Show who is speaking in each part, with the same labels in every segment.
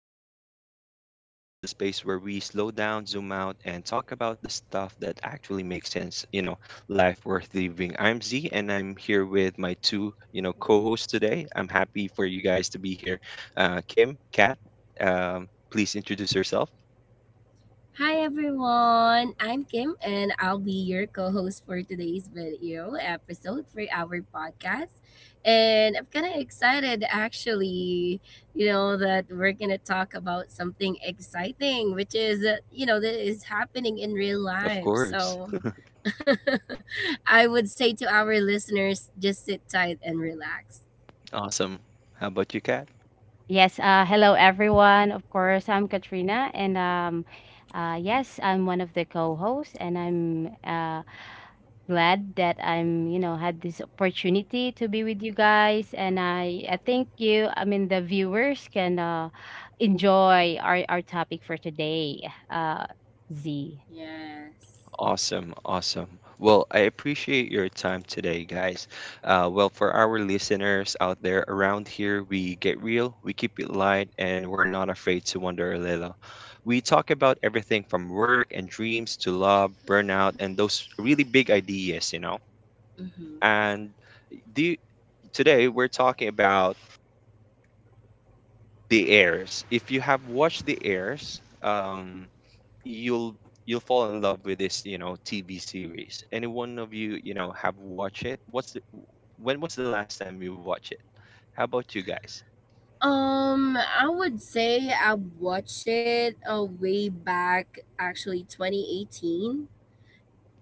Speaker 1: Welcome to Vibe Walkers, the space where we slow down, zoom out, and talk about the stuff that actually makes sense, life worth living. I'm Z and I'm here with my two, co-hosts today. I'm happy for you guys to be here. Kim, Kat, please introduce yourself.
Speaker 2: Hi everyone, I'm Kim and I'll be your co-host for today's video episode for our podcast. And I'm kind of excited actually, that we're going to talk about something exciting which is, that is happening in real life.
Speaker 1: Of
Speaker 2: So,
Speaker 1: course.
Speaker 2: I would say to our listeners just sit tight and relax.
Speaker 1: Awesome. How about you, Kat?
Speaker 3: Yes, hello everyone. Of course, I'm Katrina, and yes, I'm one of the co-hosts, and I'm glad that had this opportunity to be with you guys, and I think I mean, the viewers can enjoy our topic for today, Z.
Speaker 2: Yes.
Speaker 1: Awesome, awesome. Well, I appreciate your time today, guys. Well, for our listeners out there around here, we get real, we keep it light, and we're not afraid to wonder a little. We talk about everything from work and dreams to love, burnout, and those really big ideas.
Speaker 2: Mhm.
Speaker 1: And the, today we're talking about the heirs. If you have watched the heirs, you'll you'll fall in love with this TV series. Any one of you you know have watched it? When was the last time you watched it? How about you guys?
Speaker 2: I would say I watched it way back, actually 2018,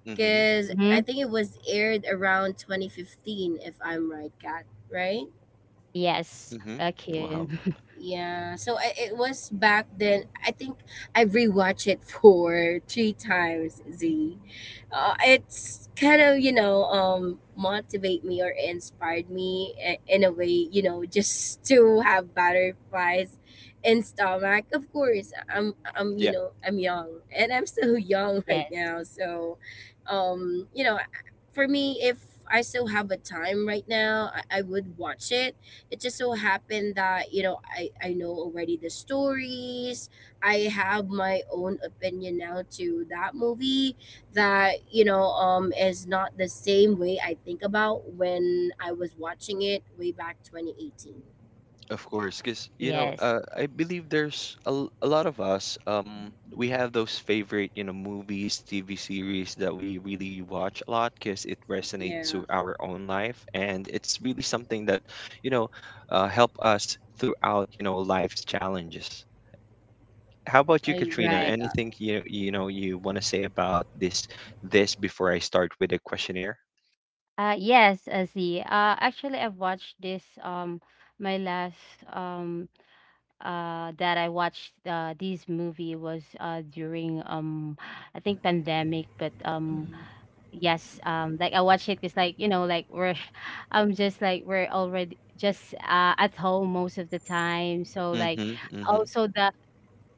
Speaker 1: Mm-hmm.
Speaker 2: because I
Speaker 3: Mm-hmm.
Speaker 2: think it was aired around 2015, if I'm right, Kat, right?
Speaker 3: Yes,
Speaker 1: Mm-hmm.
Speaker 3: okay.
Speaker 1: Wow.
Speaker 2: Yeah, it was back then. I think I've rewatched it for three times. Z, it's kind of motivate me or inspired me in a way just to have butterflies in stomach. Of course, I'm you
Speaker 1: Yeah,
Speaker 2: know I'm young and I'm still young
Speaker 3: Yes,
Speaker 2: right now. So, um, you know, for me, if I still have a time right now, I would watch it just so happened that you know I know already the stories. I have my own opinion now to that movie that is not the same way I think about when I was watching it way back 2018.
Speaker 1: of
Speaker 2: Yeah.
Speaker 1: course. Because
Speaker 3: yes,
Speaker 1: I believe there's a lot of us. We have those favorite movies, TV series that we really watch a lot because it
Speaker 2: Yeah.
Speaker 1: resonates to our own life, and it's really something that you know help us throughout life's challenges. How about you,
Speaker 2: I
Speaker 1: Katrina?
Speaker 2: agree
Speaker 3: right.
Speaker 2: with that.
Speaker 1: Anything you want to say about this before I start with the questionnaire?
Speaker 3: Yes, Z. Actually, I've watched this. My last that I watched this movie was during, I think, pandemic, but
Speaker 2: Mhm.
Speaker 3: yes, like I watched it because like like we're I'm just like we're already just at home most of the time, so like
Speaker 1: Mm-hmm, mm-hmm,
Speaker 3: also, the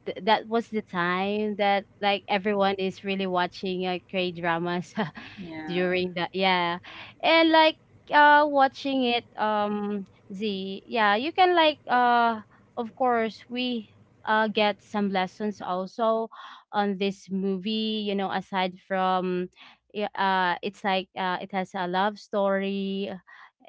Speaker 3: th- that was the time that like everyone is really watching, K dramas
Speaker 2: Yeah.
Speaker 3: during that, yeah, and like watching it, Z, yeah, you can like, of course, we get some lessons also on this movie, aside from, yeah, it's like it has a love story,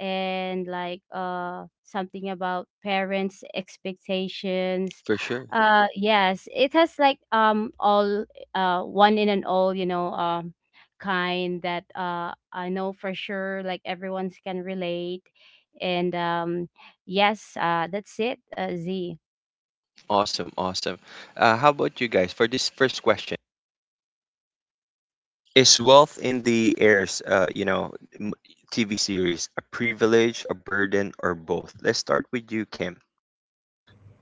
Speaker 3: and like something about parents expectations,
Speaker 1: for sure.
Speaker 3: yes, it has like, all, one in and all, kind that, I know for sure, like everyone's can relate. And, yes, that's it. Z.
Speaker 1: Awesome, awesome. How about you guys for this first question? Is wealth in the heirs, m- TV series a privilege, a burden, or both? Let's start with you, Kim.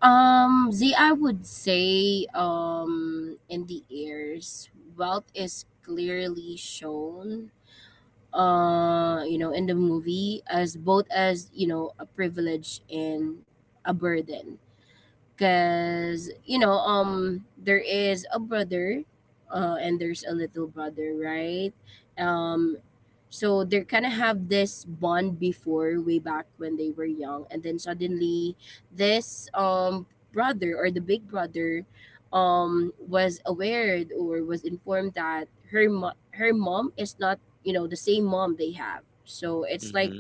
Speaker 2: Z, I would say in the ears wealth is clearly shown in the movie as both as a privilege and a burden because there is a brother and there's a little brother, right? um so they kind of have this bond before way back when they were young, and then suddenly this brother or the big brother was aware or was informed that her mom is not the same mom they have, so it's
Speaker 1: Mm-hmm.
Speaker 2: like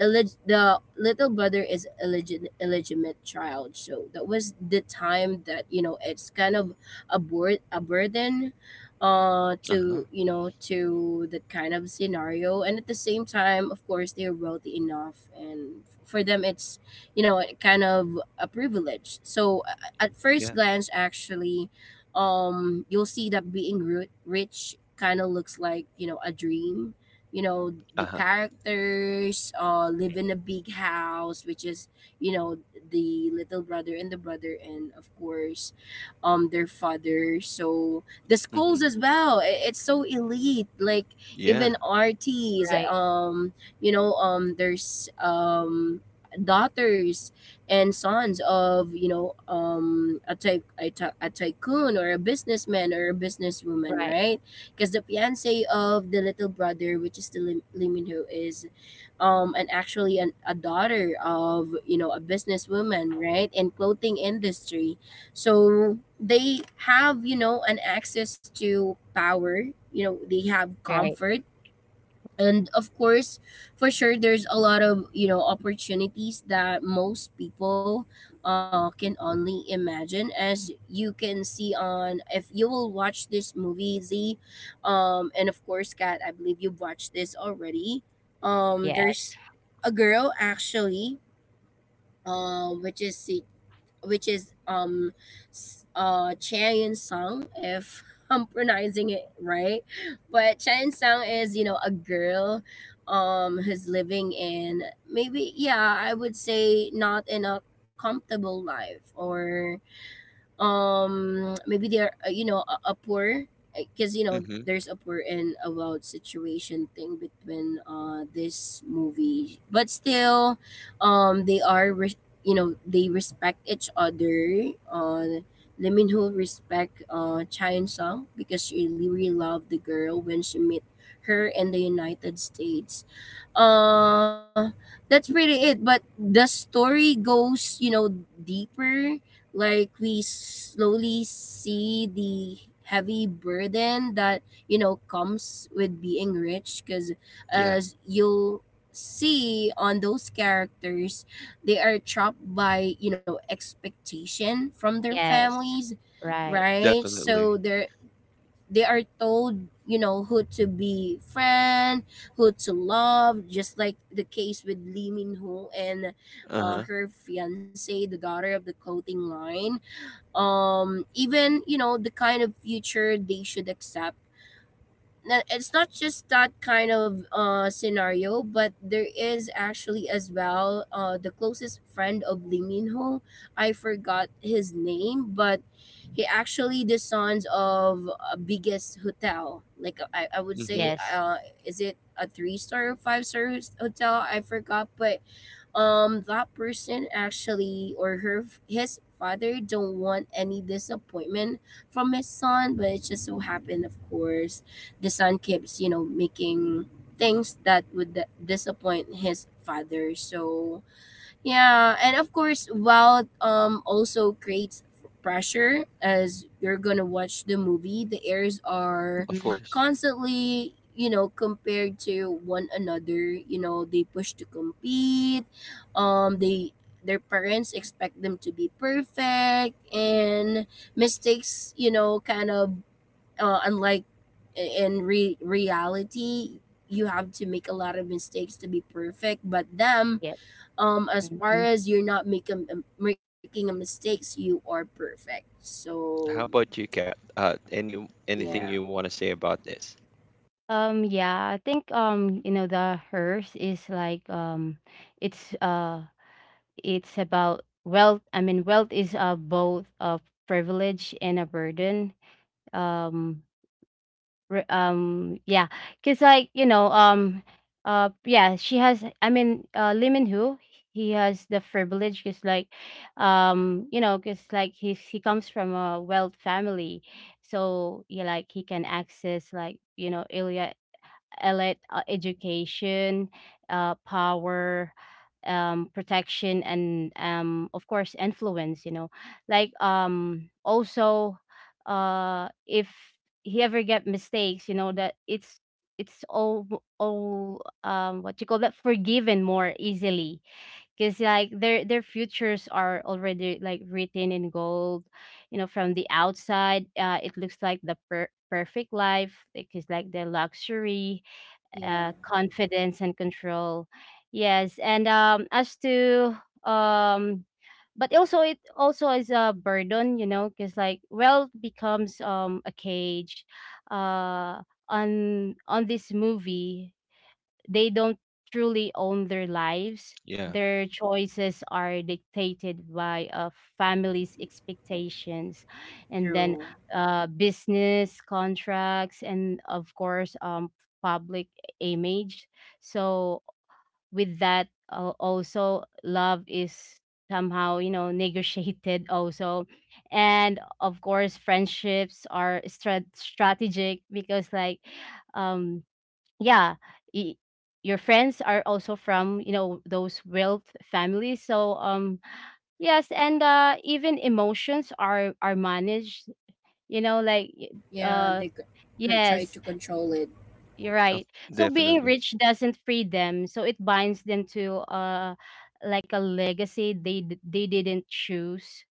Speaker 2: the little brother is illegitimate child. So that was the time that you know it's kind of a burden
Speaker 1: Uh-huh.
Speaker 2: to you know to that kind of scenario, and at the same time of course they're wealthy enough and for them it's kind of a privilege. So at
Speaker 1: Yeah.
Speaker 2: first glance actually you'll see that being rich kind of looks like a dream. you know
Speaker 1: Uh-huh.
Speaker 2: the characters live in a big house, which is you know the little brother and the brother, and of course their father. So the
Speaker 1: Mm-hmm.
Speaker 2: schools as well, it's so elite, like
Speaker 1: Yeah.
Speaker 2: even RTs
Speaker 3: Right.
Speaker 2: there's daughters and sons of a tycoon or a businessman or a businesswoman,
Speaker 3: Right.
Speaker 2: right? Because the fiance of the little brother, which is the Lee is and actually a daughter of you know a businesswoman, right, in clothing industry. So they have you know an access to power. You know they have
Speaker 3: Right.
Speaker 2: comfort, and of course for sure there's a lot of you know opportunities that most people can only imagine as you can see on if you will watch this movie, Z. And of course Kat, I believe you've watched this already.
Speaker 3: Yes.
Speaker 2: There's a girl actually, which is si which is s- Chaeyoung Sung, if I'm pronouncing it right. But Chaeyoung Sung is, you know, a girl who's living in maybe, yeah, I would say not in a comfortable life, or maybe they're you know a poor, because you know
Speaker 1: Mm-hmm.
Speaker 2: there's a poor and about situation thing between this movie, but still they you know they respect each other. uh Lee Min-ho respect Cha Sung because she really loved the girl when she met her in the United States. uh that's really it, but the story goes you know deeper. Like we slowly see the heavy burden that you know comes with being rich because
Speaker 1: Yeah.
Speaker 2: as you'll see on those characters, they are trapped by you know expectation from their
Speaker 3: Yes.
Speaker 2: families,
Speaker 3: Right.
Speaker 2: right?
Speaker 1: Definitely.
Speaker 2: So they're they are told you know who to be friend, who to love, just like the case with Lee Min Ho and
Speaker 1: Uh-huh.
Speaker 2: her fiance, the daughter of the clothing line. Even you know the kind of future they should accept. It's not just that kind of scenario, but there is actually as well the closest friend of Lee Minho. I forgot his name, but he actually the sons of a biggest hotel. Like, I would
Speaker 1: Mm-hmm.
Speaker 2: say
Speaker 3: Yes.
Speaker 2: is it a three star or five-star hotel? I forgot. But that person actually, or her his father, don't want any disappointment from his son, but it just so happened of course the son keeps you know making things that would disappoint his father. So yeah, and of course, wealth also creates pressure. As you're gonna watch the movie, the heirs
Speaker 1: Of
Speaker 2: are
Speaker 3: Mm-hmm.
Speaker 1: course.
Speaker 2: constantly, you know, compared to one another. You know, they push to compete. They Their parents expect them to be perfect, and mistakes, you know, kind of unlike in reality. You have to make a lot of mistakes to be perfect, but them
Speaker 3: Yep.
Speaker 2: as far
Speaker 3: Mm-hmm.
Speaker 2: as you're not making making a mistakes, you are perfect. So
Speaker 1: How about you, Kat? Any anything
Speaker 2: yeah.
Speaker 1: you want to say about this?
Speaker 3: Yeah, I think, the hers is like, it's uh it's about wealth. I mean, wealth is, both a privilege and a burden. um yeah, because like, yeah, she has, I mean, Limin Hu, he has the privilege because like, because like he comes from a wealth family, so yeah, like he can access, like, Ilya elite education, power, protection, and, of course, influence. Like, also, if he ever get mistakes, you know that it's all what you call that, forgiven more easily, because like their futures are already like written in gold. From the outside, it looks like the perfect life, because like the luxury,
Speaker 2: Yeah,
Speaker 3: confidence, and control. Yes, and as to um, but also, it also is a burden, because like wealth becomes, a cage, uh, on this movie. They don't truly own their lives.
Speaker 1: Yeah,
Speaker 3: Their choices are dictated by a family's expectations, and then,
Speaker 2: true.
Speaker 3: business contracts, and, of course, public image. So with that, also, love is somehow, negotiated also. And of course, friendships are strategic, because like, um yeah, y- your friends are also from, those wealth families, so, yes, and even emotions are managed, like
Speaker 2: Yeah,
Speaker 3: uh
Speaker 2: they can try
Speaker 3: yes,
Speaker 2: to control it.
Speaker 3: you're right,
Speaker 1: of,
Speaker 3: so being
Speaker 1: definitely.
Speaker 3: rich doesn't free them, so it binds them to, like, a legacy they didn't choose.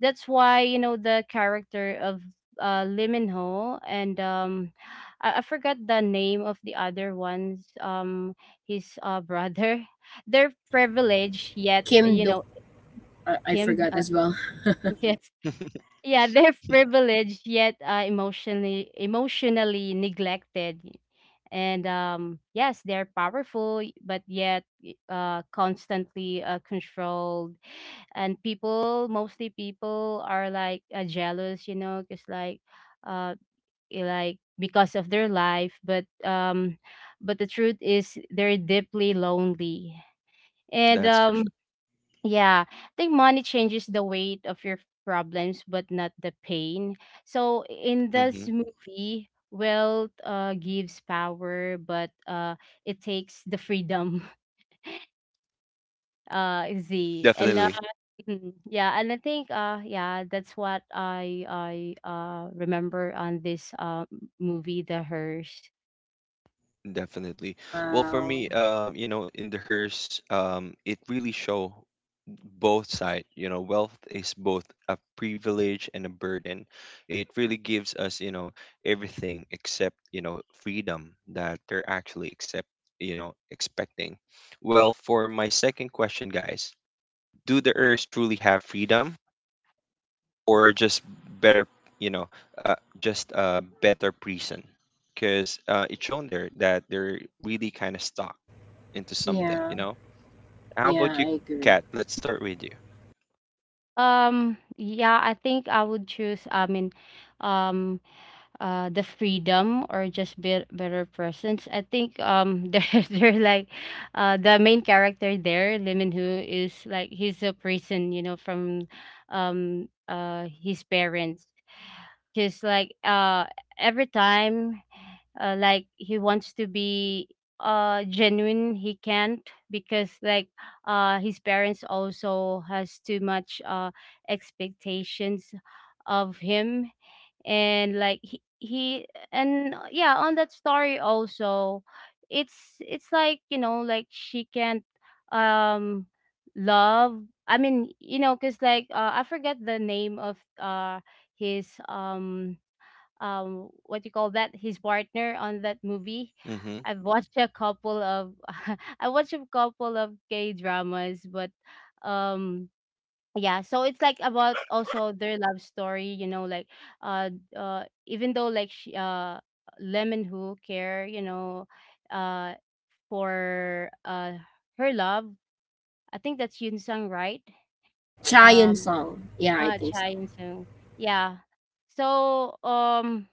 Speaker 3: That's why, the character of Liminho, and I forgot the name of the other ones, his brother, they're privileged, yet
Speaker 2: Kim
Speaker 3: you
Speaker 2: Dok,
Speaker 3: know
Speaker 2: I
Speaker 3: Kim,
Speaker 2: forgot as well.
Speaker 3: yes, yeah, they're privileged, yet, emotionally neglected, and, yes, they're powerful but yet, constantly, controlled, and people, mostly people, are like, jealous, because like, uh like, because of their life, but the truth is, they're deeply lonely. And,
Speaker 1: That's for sure.
Speaker 3: yeah, I think money changes the weight of your problems, but not the pain. So in this
Speaker 1: hmm
Speaker 3: movie, wealth, gives power, but, it takes the freedom. Z, and,
Speaker 1: Definitely.
Speaker 3: mhm. Yeah, and I think, yeah, that's what I remember on this, movie, The Hearse.
Speaker 1: Definitely. Well, for
Speaker 2: Wow.
Speaker 1: me, in the hearse, it really show both side. You know, wealth is both a privilege and a burden. It really gives us, you know, everything except, you know, freedom that they're actually accept, you know, expecting. Well, for my second question, guys, do the earth truly have freedom or just better you know just a better prison because it's shown there that they're really kind of stuck into something
Speaker 2: Yeah.
Speaker 1: you know how
Speaker 2: Yeah,
Speaker 1: about
Speaker 2: I
Speaker 1: you
Speaker 2: agree.
Speaker 1: Kat let's start with you.
Speaker 3: Yeah, I think I would choose, I mean, um the freedom, or just better presence. I think, they're like, the main character there, Lee Min Ho, is like, he's a prison, from, his parents. He's like, every time, like, he wants to be, genuine, he can't, because like his parents also has too much, expectations of him. And like, he and, yeah, on that story also, it's like, like she can't, um love. I mean, because like, I forget the name of, his, what you call that, his partner on that movie.
Speaker 1: Mm-hmm.
Speaker 3: I've watched a couple of I watched a couple of gay dramas, but, um yeah, so it's like about also their love story, like, uh even though like, Lemon who care, uh for her love. I think that's Yun Sang, right?
Speaker 2: Chayon
Speaker 3: Um
Speaker 2: Song, yeah, I
Speaker 3: Ah,
Speaker 2: think so.
Speaker 3: Chaeyoung. Yeah. So,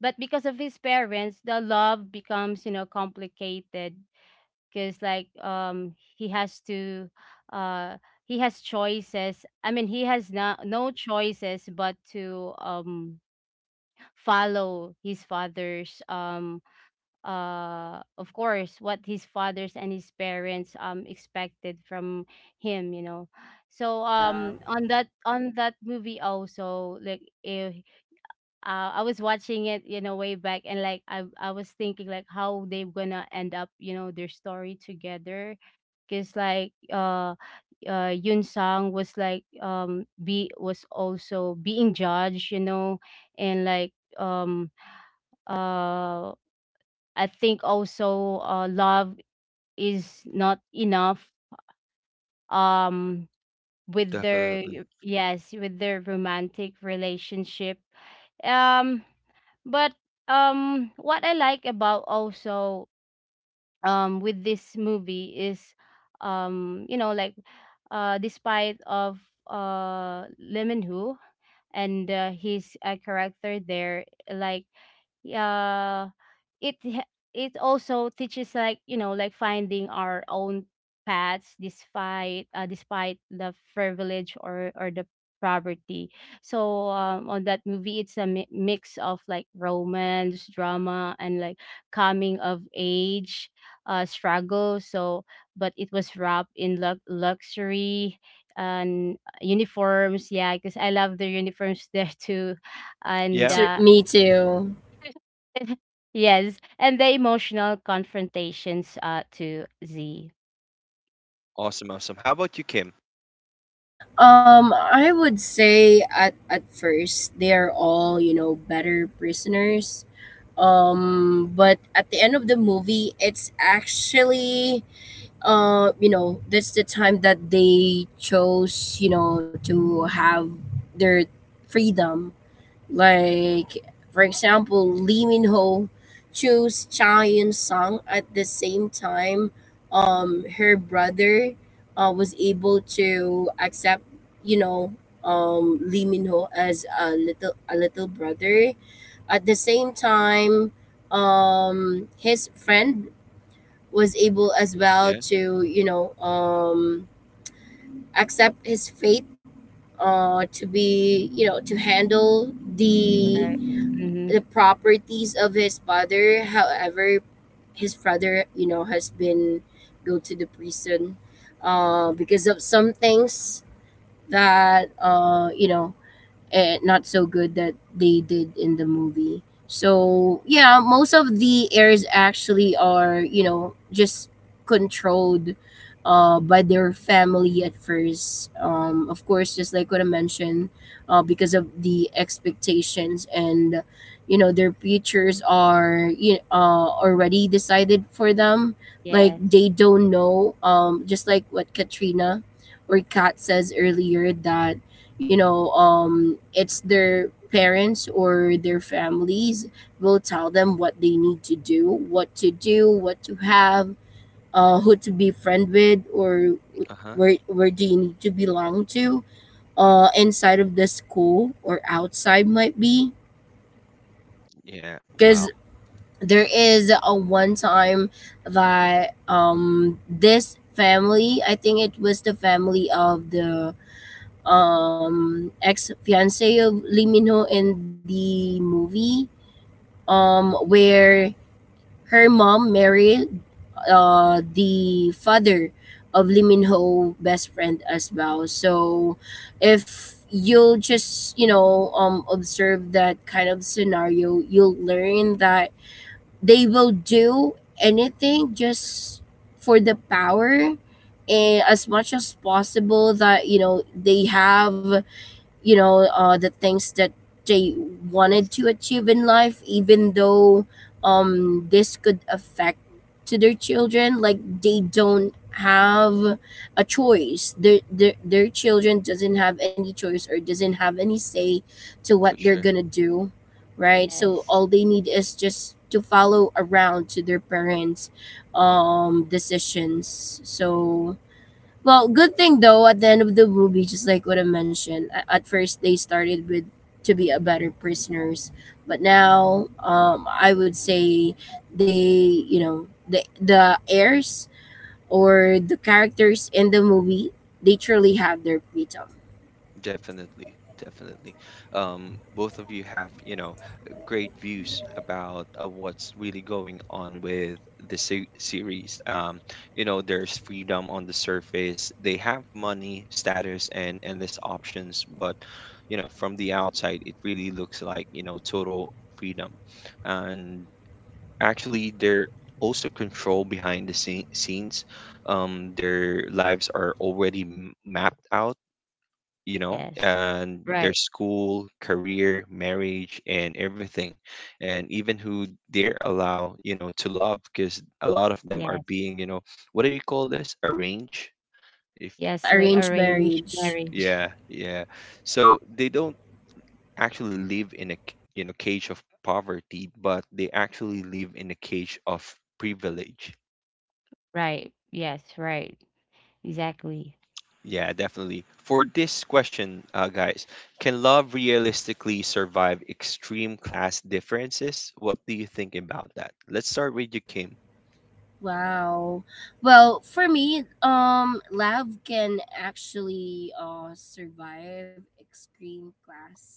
Speaker 3: but because of his parents, the love becomes, complicated, because, like, uh, he has choices. I mean, he has no choices but to, follow his father's, of course, what his fathers and his parents, expected from him, so,
Speaker 2: Yeah.
Speaker 3: on that movie also, like, if, I was watching it, way back, and like I was thinking like how they gonna end up, their story together, because like, Yun Sang was like, be was also being judged, and like, uh I think also, love is not enough, um with their
Speaker 1: Definitely.
Speaker 3: yes, with their romantic relationship. um but, what I like about also, with this movie is like, despite of, Lee Min Ho, and, his, character there, like, uh it also teaches, like, like, finding our own paths, despite the privilege, or the poverty. So, on that movie, it's a mix of like romance drama, and like coming of age, struggle, so, but it was wrapped in luxury and uniforms, yeah, because I love the uniforms there too,
Speaker 1: Yeah.
Speaker 3: and,
Speaker 2: Me too.
Speaker 3: yes, and the emotional confrontations, to Z.
Speaker 1: Awesome, awesome. How about you, Kim?
Speaker 2: I would say at first they're all you know better prisoners, but at the end of the movie it's actually you know that's the time that they chose you know to have their freedom. Like for example, Lee Min Ho chose Cha Yun Sung. At the same time her brother was able to accept you know Lee Min Ho as a little brother. At the same time, his friend was able as well
Speaker 1: Yeah.
Speaker 2: to, you know, accept his fate. To be you know to handle the
Speaker 3: Right. Mm-hmm.
Speaker 2: the properties of his father. However, his father you know has been go to the prison because of some things that you know not so good that they did in the movie. So yeah, most of the heirs actually are you know just controlled by their family at first. Of course, just like what I mentioned, because of the expectations, and you know their futures are you already decided for them. Like
Speaker 3: Yes,
Speaker 2: they don't know. Just like what Katrina or Kat says earlier, that you know it's their parents or their families will tell them what they need to do, what to do, what to have, who to be friend with, or
Speaker 1: Uh-huh.
Speaker 2: where do you need to belong to, inside of the school or outside might be.
Speaker 1: Yeah. Wow.
Speaker 2: Because there is a one time that this family, I think it was the family of the ex fiance of Lee Min in the movie, where her mom married the father of Lee Min best friend as well. So if you'll just, you know, observe that kind of scenario, you'll learn that they will do anything just for the power, and as much as possible that you know they have you know the things that they wanted
Speaker 3: yes,
Speaker 2: to achieve in life, even though this could affect to their children. Like they don't have a choice. Their children doesn't have any choice or doesn't have any say to what
Speaker 1: For
Speaker 2: they're
Speaker 1: sure.
Speaker 2: gonna do, right?
Speaker 3: yes,
Speaker 2: So all they need is just to follow around to their parents decisions. So well, good thing though, at the end of the movie, just like what I mentioned, at first they started with to be a better prisoners, but now I would say they, you know, the heirs or the characters in the movie, they truly have their freedom.
Speaker 1: Definitely, definitely. Both of you have, you know, great views about what's really going on with series. You know, there's freedom on the surface. They have money, status, and endless options, but you know, from the outside, it really looks like, you know, total freedom. And actually, they're also control behind scenes. Their lives are already mapped out you know,
Speaker 3: yes.
Speaker 1: and their
Speaker 3: Right.
Speaker 1: school, career, marriage, and everything, and even who they're allowed, you know, to love, because a lot of them are
Speaker 3: Yes,
Speaker 1: being, you know, what do you call this? Arranged. If
Speaker 3: yes, like
Speaker 2: Arranged
Speaker 3: arranged
Speaker 2: marriage.
Speaker 3: marriage.
Speaker 1: yeah, yeah. So they don't actually live in you know cage of poverty, but they actually live in a cage of privilege.
Speaker 3: Right. Yes, right. Exactly.
Speaker 1: Yeah, definitely. For this question, guys, can love realistically survive extreme class differences? What do you think about that? Let's start with you, Kim.
Speaker 2: Wow. Well, for me, love can actually survive extreme class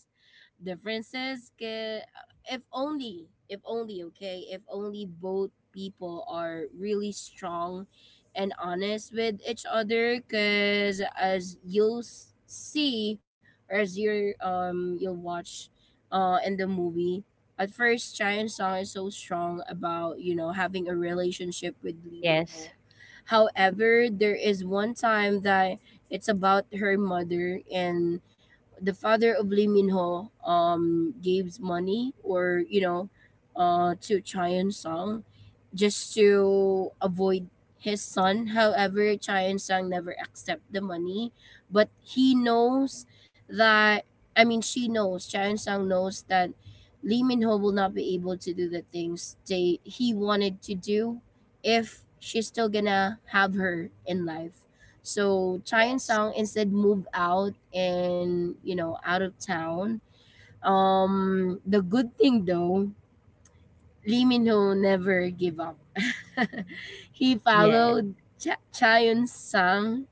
Speaker 2: differences if only okay if only both people are really strong and honest with each other, because as you'll see or as you you'll watch in the movie. At first Chai and Song is so strong about you know having a relationship with Lee Min
Speaker 3: Yes,
Speaker 2: Ho. However, there is one time that it's about her mother and the father of Lee Min Ho gave money or you know to Chaeyoung Sang, just to avoid his son. However, Chaeyoung Sang never accept the money, but he knows that she knows Chaeyoung Sang knows that Lee Min Ho will not be able to do the things they he wanted to do if she's still gonna have her in life. So Chai and
Speaker 3: yes,
Speaker 2: Song instead moved out, and you know out of town. The good thing though, Lee Min Ho never give up. He
Speaker 3: yes,
Speaker 2: followed Chaeyoun Sang.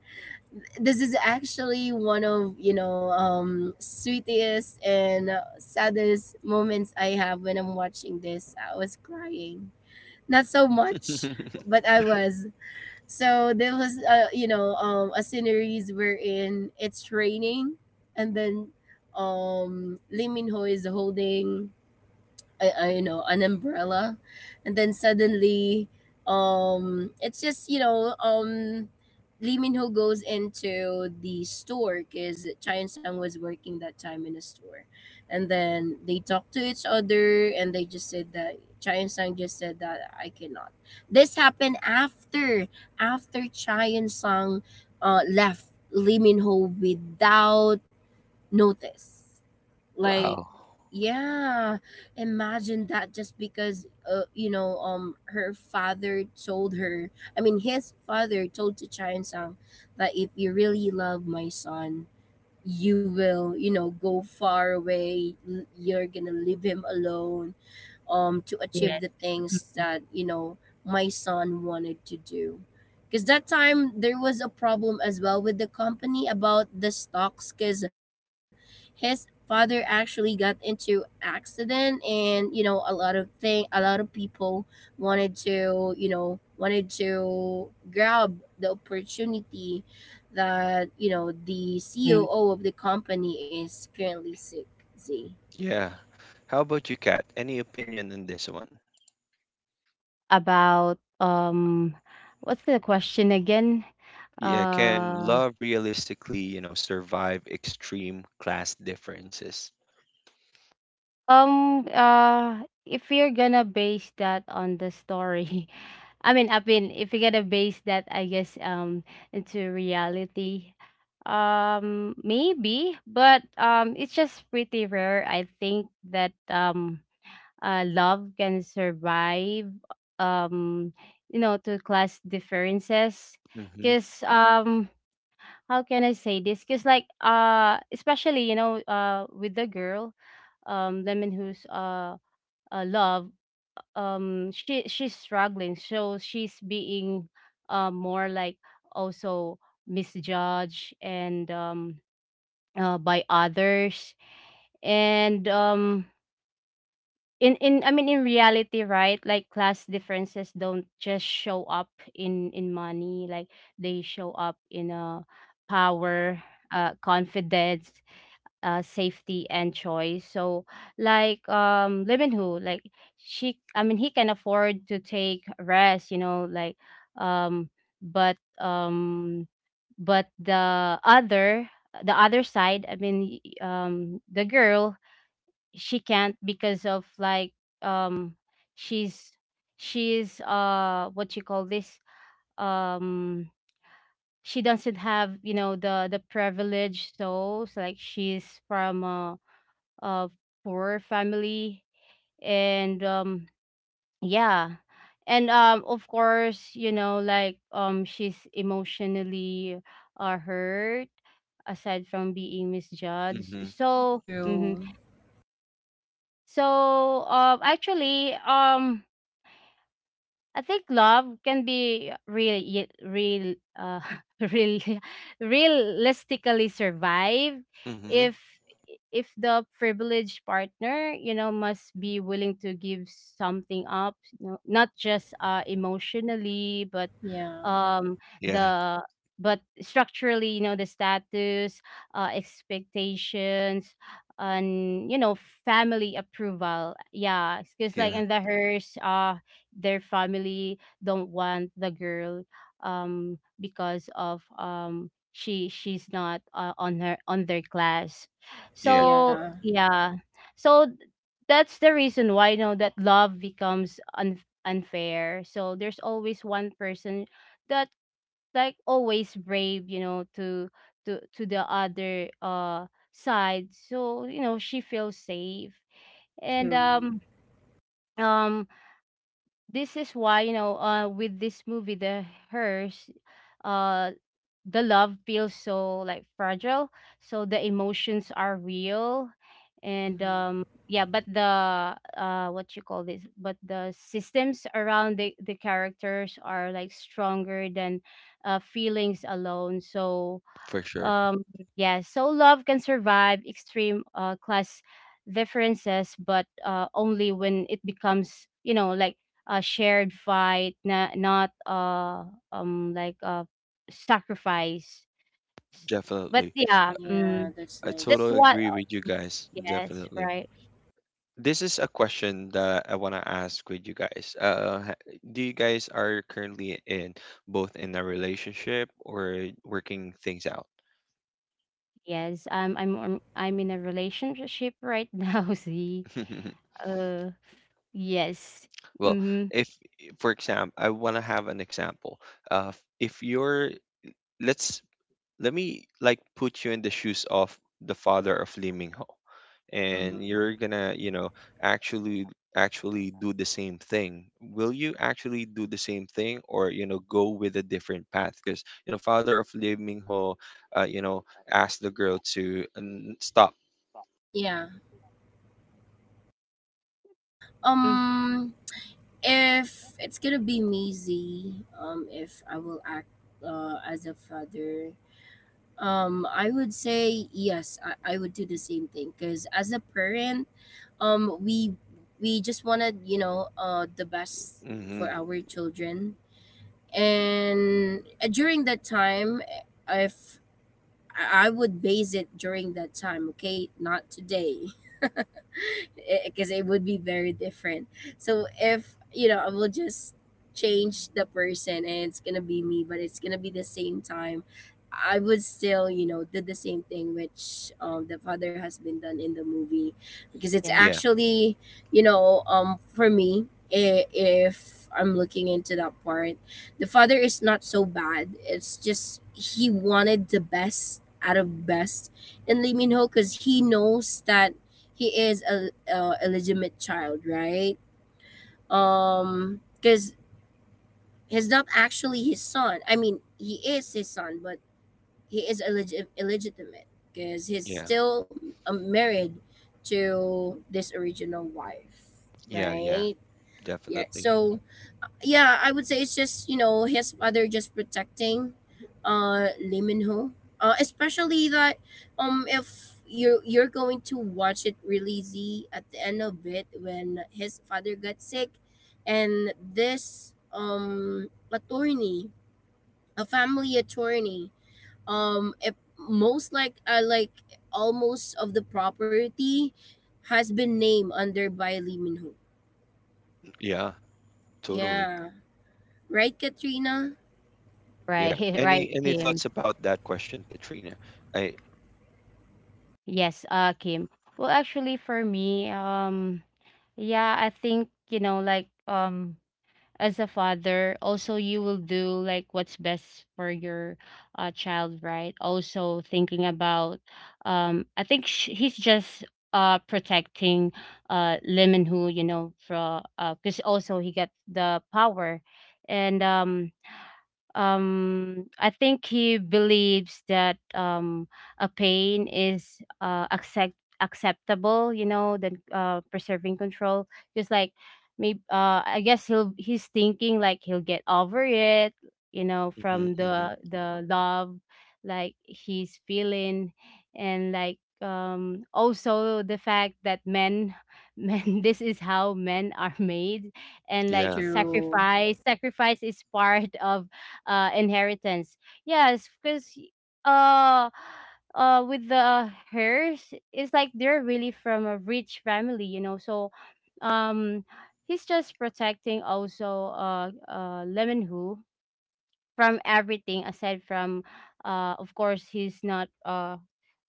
Speaker 2: This is actually one of sweetest and saddest moments I have when I'm watching this. I was crying, not so much, but I was. So there was a sceneries wherein it's raining, and then Lee Min Ho is holding I you know an umbrella, and then suddenly it's just you know Lee Min-ho goes into the store because Cha Sang was working that time in a store, and then they talk to each other, and they just said that Cha Sang just said that I cannot. This happened after Cha Sang left Lee Min-ho without notice, like.
Speaker 1: Wow.
Speaker 2: Yeah, imagine that, just because her father told her, I mean, his father told to Chan Sang that if you really love my son, you will go far away, you're gonna leave him alone, to
Speaker 3: yes.
Speaker 2: achieve the things that you know my son wanted to do, because that time there was a problem as well with the company about the stocks, because his father actually got into accident, and a lot of thing, a lot of people wanted to, grab the opportunity that the
Speaker 3: Mhm.
Speaker 2: COO of the company is currently sick. Z.
Speaker 1: Yeah. How about you, Kat? Any opinion on this one?
Speaker 3: About, what's the question again?
Speaker 1: Yeah, can
Speaker 3: Uh,
Speaker 1: love realistically, you know, survive extreme class differences?
Speaker 3: If you're gonna base that on the story, I mean, if you're gonna base that, I guess, into reality, maybe, but, it's just pretty rare. I think that, love can survive, um, to class differences,
Speaker 1: Mm-hmm.
Speaker 3: because. How can I say this? Because like, especially, with the girl, Lemon who's, love, she's struggling, so she's being, more like also misjudged, and, by others, and, in I mean, in reality, right? Like class differences don't just show up in money, like they show up in, power, confidence, safety, and choice. So, like, Lemon who, like, I mean, he can afford to take rest, like, um, but um, but the other side, I mean, the girl, she can't, because of like, um, she's she's what you call this, um she doesn't have, the privilege, so it's like she's from a, uh poor family, and, yeah, and, of course, like, she's emotionally, hurt, aside from being misjudged,
Speaker 1: Mm-hmm.
Speaker 3: so, mhm.
Speaker 2: True.
Speaker 3: So, actually, I think love can be, really, realistically survive,
Speaker 1: Mm-hmm.
Speaker 3: if if the privileged partner, must be willing to give something up, not just, emotionally, but,
Speaker 2: Yeah.
Speaker 3: um,
Speaker 1: Yeah,
Speaker 3: the but structurally, you know, the status, expectations, and, family approval. Yeah, because like in
Speaker 1: yeah,
Speaker 3: the hearse, their family don't want the girl, because of, she's not, on their class,
Speaker 1: yeah,
Speaker 3: so
Speaker 2: Yeah.
Speaker 3: yeah. So that's the reason why, you know that love becomes unfair, so there's always one person that, like, always brave, to the other, side, so she feels safe, and,
Speaker 2: True.
Speaker 3: um this is why, with this movie, The Hers, uh the love feels so like fragile, so the emotions are real, and,
Speaker 2: Hmm.
Speaker 3: yeah, but, the what you call this, but the systems around the characters are like stronger than, feelings alone. So,
Speaker 1: for sure.
Speaker 3: um, yeah, so love can survive extreme, class differences, but, only when it becomes, like a shared fight, not like a sacrifice. S- But
Speaker 1: Definitely.
Speaker 3: yeah,
Speaker 2: Yeah, that's
Speaker 1: I
Speaker 3: that's
Speaker 1: totally
Speaker 2: nice.
Speaker 3: what.
Speaker 1: agree with you guys.
Speaker 3: Yes,
Speaker 1: Definitely.
Speaker 3: right.
Speaker 1: This is a question that I want to ask with you guys. Do you guys are currently in both in a relationship or working things out?
Speaker 3: Yes, I'm in a relationship right now. See, uh, yes,
Speaker 1: Well,
Speaker 3: mm-hmm.
Speaker 1: if for example, I want to have an example of if you're let's let me like put you in the shoes of the father of Lee Min Ho, and
Speaker 2: Hmm.
Speaker 1: you're gonna, you know, actually actually do the same thing. Will you actually do the same thing, or you know, go with a different path? Because you know, father of Lee Min Ho, you know, asked the girl to stop.
Speaker 2: Yeah.
Speaker 3: Mm,
Speaker 2: Um, if it's gonna be me, Z. If I will act as a father, I would say yes. I would do the same thing, because as a parent, we just wanted, the best for
Speaker 1: Mm-hmm.
Speaker 2: our children, and during that time, if I would base it during that time, okay, not today. Because it would be very different. So if, I will just change the person, and it's gonna be me, but it's gonna be the same time. I would still, did the same thing, which the father has been done in the movie, because it's
Speaker 3: yes,
Speaker 1: Yeah,
Speaker 2: actually, for me, if I'm looking into that part, the father is not so bad. It's just he wanted the best out of best in Lee Min Ho, because he knows that he is a legitimate child, right? Because he's not actually his son. I mean, he is his son, but he is illegitimate, because he's
Speaker 1: yeah,
Speaker 2: still married to this original wife,
Speaker 1: yeah,
Speaker 2: right?
Speaker 1: yeah,
Speaker 2: Yeah.
Speaker 1: definitely.
Speaker 2: So yeah, I would say it's just his mother just protecting, Lee Min Ho. Especially that, if you're going to watch it, really, Z, at the end of it when his father got sick, and this attorney, a family attorney, if most like, like almost of the property has been named under by Lee Min Ho.
Speaker 1: Yeah, totally.
Speaker 2: Yeah, right, Katrina.
Speaker 1: Yeah.
Speaker 3: right, right,
Speaker 1: Any
Speaker 3: him.
Speaker 1: thoughts about that question, Katrina? I.
Speaker 3: Yes, Kim. Well, actually, for me, yeah, I think, you know, like, as a father, also you will do like what's best for your child, right? Also thinking about, I think sh he's just protecting Lee Min-ho, you know, from because also he got the power, and I think he believes that a pain is acceptable, you know, than preserving control. Just like, maybe I guess he's thinking like he'll get over it, you know,
Speaker 1: Mm-hmm,
Speaker 3: from
Speaker 1: mm-hmm.
Speaker 3: the love like he's feeling. And like also the fact that men men, this is how men are made, and like
Speaker 1: Yeah.
Speaker 2: True.
Speaker 3: sacrifice is part of inheritance. Yes, because uh with the hers, it's like they're really from a rich family, you know. So um he's just protecting also lemon who, from everything aside from, of course he's not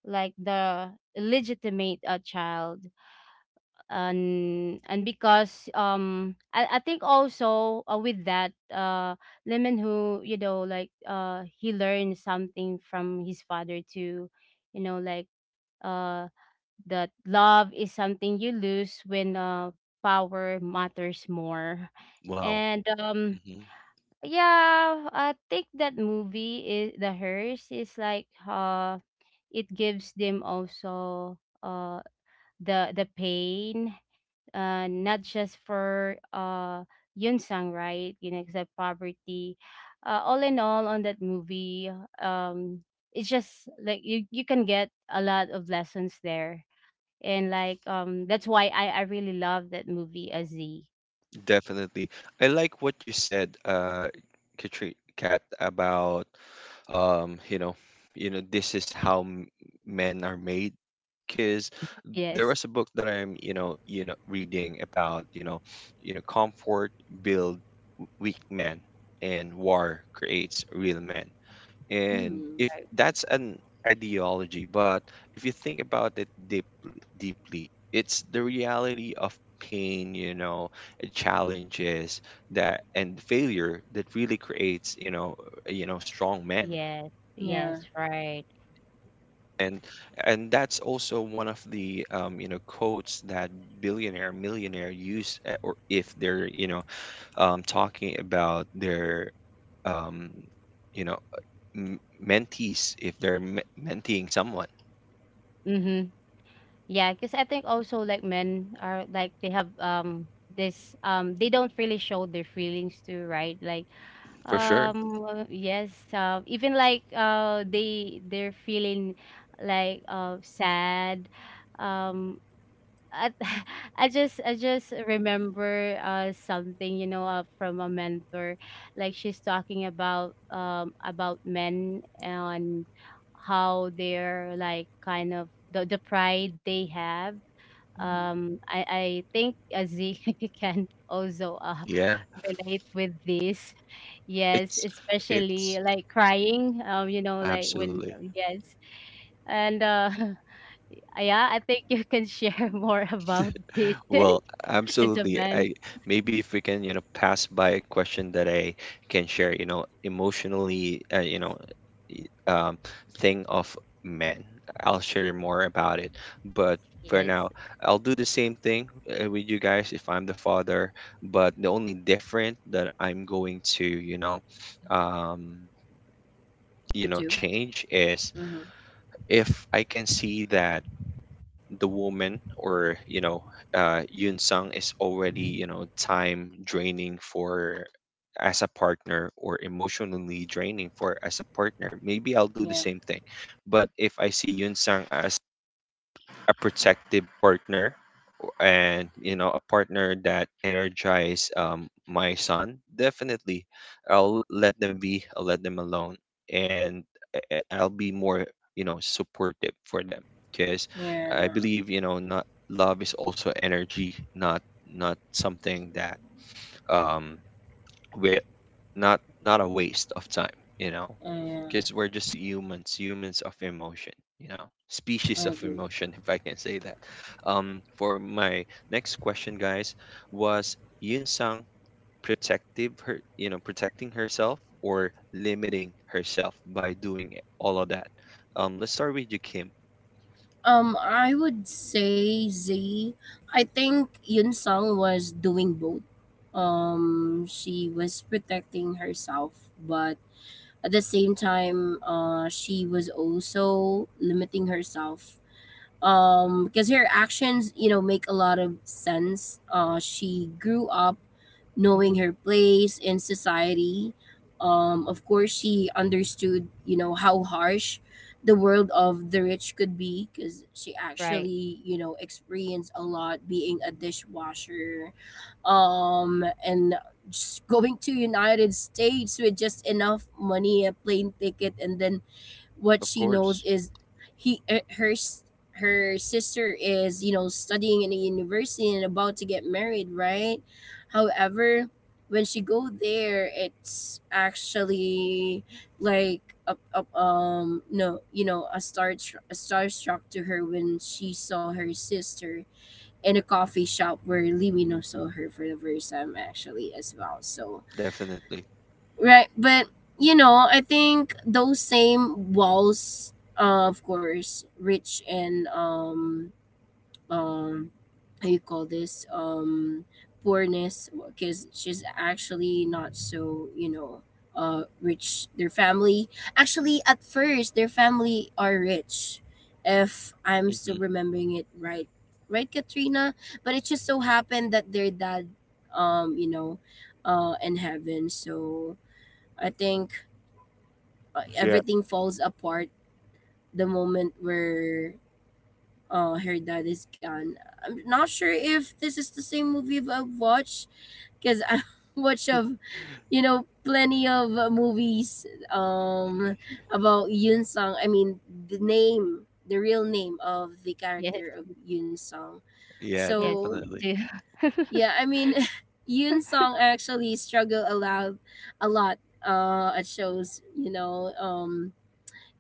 Speaker 3: like the legitimate child. And because I think also, with that Lemon who, you know, like he learned something from his father too, you know, like uh that love is something you lose when power matters more.
Speaker 1: Wow.
Speaker 3: And
Speaker 1: Mm-hmm.
Speaker 3: yeah, I think that movie, is the hers, is like it gives them also uh the pain, not just for sang, right? You know, except poverty. All in all, on that movie, um, it's just like you can get a lot of lessons there, and like that's why I really love that movie, Aziz.
Speaker 1: Definitely. I like what you said, Katri- Kat, about um, you know, this is how men are made. Because there
Speaker 3: Yes.
Speaker 1: was a book that I'm, reading about, comfort build weak men, and war creates real men, and
Speaker 2: Mm,
Speaker 1: if
Speaker 3: Right.
Speaker 1: that's an ideology, but if you think about it deep, deeply it's the reality of pain, you know, challenges that and failure that really creates, you know, you know strong men.
Speaker 3: Yes.
Speaker 2: yeah.
Speaker 3: Yes. Right.
Speaker 1: and and that's also one of the you know quotes that billionaire millionaire use, or if they're you know talking about their um, you know m- mentees if they're menteeing someone.
Speaker 3: Mm-hmm. Yeah, because I think also like men are like they have this they don't really show their feelings too, right? Like
Speaker 1: For sure.
Speaker 3: yes, even like they they're feeling like sad. Um I, I just remember something, you know, from a mentor. Like she's talking about men and how they're like kind of the pride they have.
Speaker 2: Mm-hmm.
Speaker 3: I think Aziz can also
Speaker 1: Yeah.
Speaker 3: relate with this. Yes,
Speaker 1: It's it's
Speaker 3: especially like crying, you know, like when,
Speaker 1: absolutely.
Speaker 3: yes. And yeah, I think you can share more about this
Speaker 1: Well,
Speaker 3: as a
Speaker 1: absolutely.
Speaker 3: man.
Speaker 1: I maybe if we can, you know, pass by a question that I can share, you know, emotionally, y- um, thing of men. I'll share more about it. But for
Speaker 3: Yes.
Speaker 1: now, I'll do the same thing with you guys if I'm the father, but the only different that I'm going to, um,
Speaker 2: Do.
Speaker 1: change is
Speaker 2: Mm-hmm.
Speaker 1: if I can see that the woman or you know Yun Sung is already you know time draining for as a partner or emotionally draining for as a partner, maybe I'll do the
Speaker 2: Yeah.
Speaker 1: same thing, but if I see Yun Sung as a protective partner and you know a partner that energize my son, definitely I'll let them be, I'll let them alone, and I'll be more, you know, supportive for them because
Speaker 2: Yeah.
Speaker 1: I believe, you know, not love is also energy, not not something that um we not not a waste of time, you know,
Speaker 2: Yeah.
Speaker 1: because we're just humans, humans of emotion, you know,
Speaker 2: I
Speaker 1: species of
Speaker 2: agree.
Speaker 1: emotion, if I can say that. For my next question, guys, was Yun Sang protective her you know protecting herself or limiting herself by doing all of that let's start with you Kim.
Speaker 2: I would say, Z. I think Yun Sung was doing both. She was protecting herself, but at the same time, she was also limiting herself. Because her actions, make a lot of sense. She grew up knowing
Speaker 3: Mhm.
Speaker 2: her place in society. Of course, she understood, how harsh the world of the rich could be, because she
Speaker 3: Right.
Speaker 2: actually, experienced a lot being a dishwasher, and just going to United States with just enough money, a plane ticket, and then what
Speaker 1: Of
Speaker 2: she knows
Speaker 1: course.
Speaker 2: is he her her sister is studying in a university and about to get married, right? However, when she go there, it's actually like a, no you know a star a starstruck to her when she saw her sister in a coffee shop where Limino saw her for the first time actually as well. So
Speaker 1: Definitely.
Speaker 2: right, but I think those same walls, of course, rich and, um how you call this, poorness, because she's actually not so, rich, their family. Actually at first, their family are rich, if I'm still
Speaker 1: hmm
Speaker 2: remembering it right, right, Katrina? But it just so happened that their dad, um you know in heaven, so I think
Speaker 1: Yeah.
Speaker 2: everything falls apart the moment where, her dad is gone. I'm not sure if this is the same movie I've watched, because I watch of plenty of movies um about Yun Sung. I mean the name, the real name of the
Speaker 3: Yes.
Speaker 2: character of Yun Sung.
Speaker 1: Yeah,
Speaker 3: Yes,
Speaker 2: So
Speaker 1: definitely.
Speaker 3: me too.
Speaker 2: yeah, I mean, Yun Sung actually struggle a lot, a lot, at shows.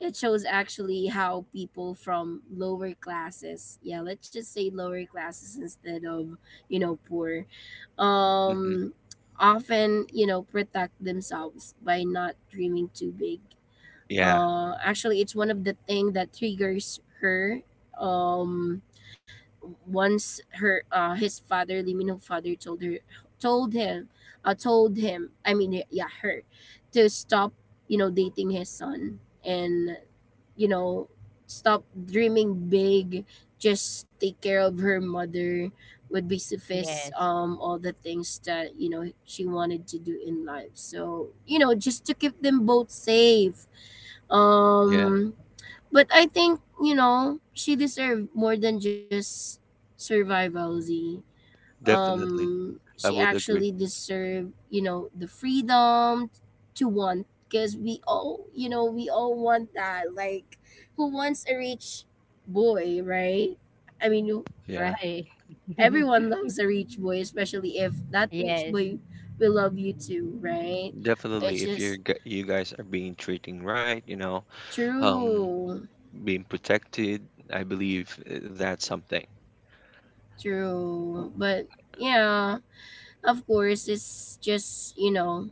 Speaker 2: It shows actually how people from lower classes, yeah, let's just say lower classes instead of, you know, poor,
Speaker 1: hmm
Speaker 2: um, often, protect themselves by not dreaming too big.
Speaker 1: yeah.
Speaker 2: Actually, it's one of the thing that triggers her. Um, Once her his father, Limino father, told her, told him told him I mean, yeah, her to stop, dating his son, and you know stop dreaming big. Just take care of her mother would be suffice,
Speaker 3: Yes.
Speaker 2: all the things that she wanted to do in life, so just to keep them both safe.
Speaker 1: Yeah,
Speaker 2: um but I think, she deserved more than just survival, Z.
Speaker 1: definitely,
Speaker 2: She
Speaker 1: I would
Speaker 2: actually
Speaker 1: agree.
Speaker 2: deserved, the freedom to want, because we all, want that. Like, who wants a rich boy, right? I mean,
Speaker 1: Yeah,
Speaker 3: Right.
Speaker 2: everyone loves a rich boy, especially if that rich
Speaker 3: Yes.
Speaker 2: boy will love you too, right?
Speaker 1: definitely
Speaker 2: It's
Speaker 1: if you're
Speaker 2: just
Speaker 1: you guys are being treating right, you know, um,
Speaker 2: true,
Speaker 1: being protected, I believe, that's something.
Speaker 2: true. But yeah, of course it's just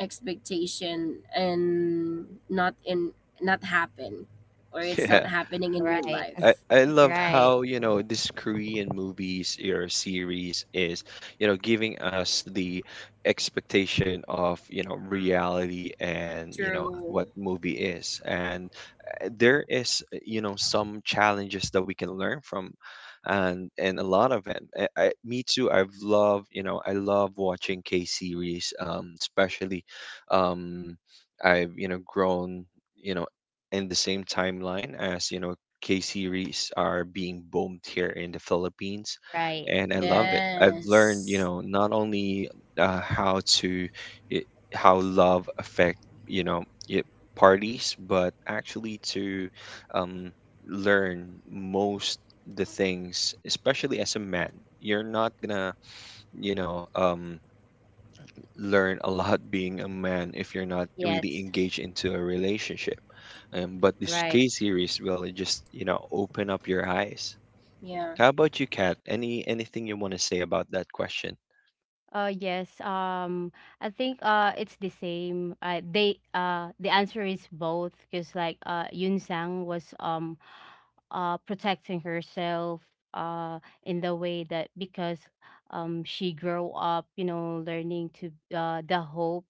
Speaker 2: expectation and not in, not happen, or it's not
Speaker 1: Yeah,
Speaker 2: happening in real
Speaker 3: Right.
Speaker 2: life.
Speaker 1: I love
Speaker 3: Right.
Speaker 1: how you know this Korean movies or series is you know giving us the expectation of you know reality and you know
Speaker 2: True.
Speaker 1: what movie is, and there is you know some challenges that we can learn from, and a lot of it I, me too I've loved you know I love watching K series especially um I've you know grown you know in the same timeline as you know K series are being boomed here in the Philippines,
Speaker 3: Right.
Speaker 1: and I love
Speaker 3: Yeah.
Speaker 1: it. I've learned, you
Speaker 2: Yes.
Speaker 1: know, not only how to how love affect, you know, y- parties, but actually to um, learn most the things, especially as a man. You're not gonna, you know, learn a lot being a man if you're not really
Speaker 3: Yes.
Speaker 1: engaged into a relationship. But this
Speaker 3: Right.
Speaker 1: case series will just you know open up your eyes.
Speaker 2: Yeah,
Speaker 1: How about you, Kat? Any anything you want to say about that question?
Speaker 3: Yes. I think it's the same. They the answer is both, because like Yun Sang was protecting herself in the way that, because she grew up, you know, learning to the hope,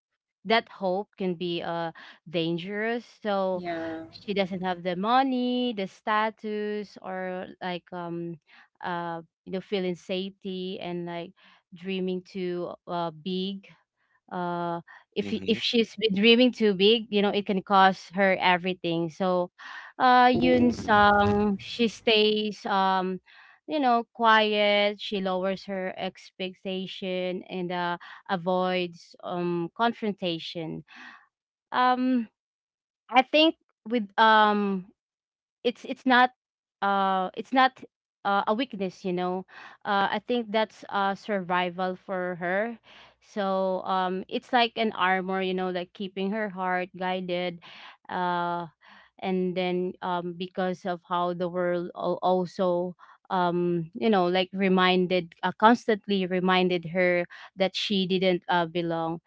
Speaker 3: that hope can be dangerous. So
Speaker 2: yeah.
Speaker 3: she doesn't have the money, the status, or like you know, feeling safety, and like dreaming too big. uh if
Speaker 1: Mm-hmm.
Speaker 3: if she's been dreaming too big, you know, it can cost her everything. So
Speaker 2: Oh,
Speaker 3: Yun Sang, she stays, you know, quiet. She lowers her expectation, and avoids confrontation. um I think, with it's not uh it's not a weakness, you know. I think that's survival for her. So it's like an armor, you know, like keeping her heart guided. uh and then because of how the world also you know, like reminded, constantly reminded her that she didn't belong.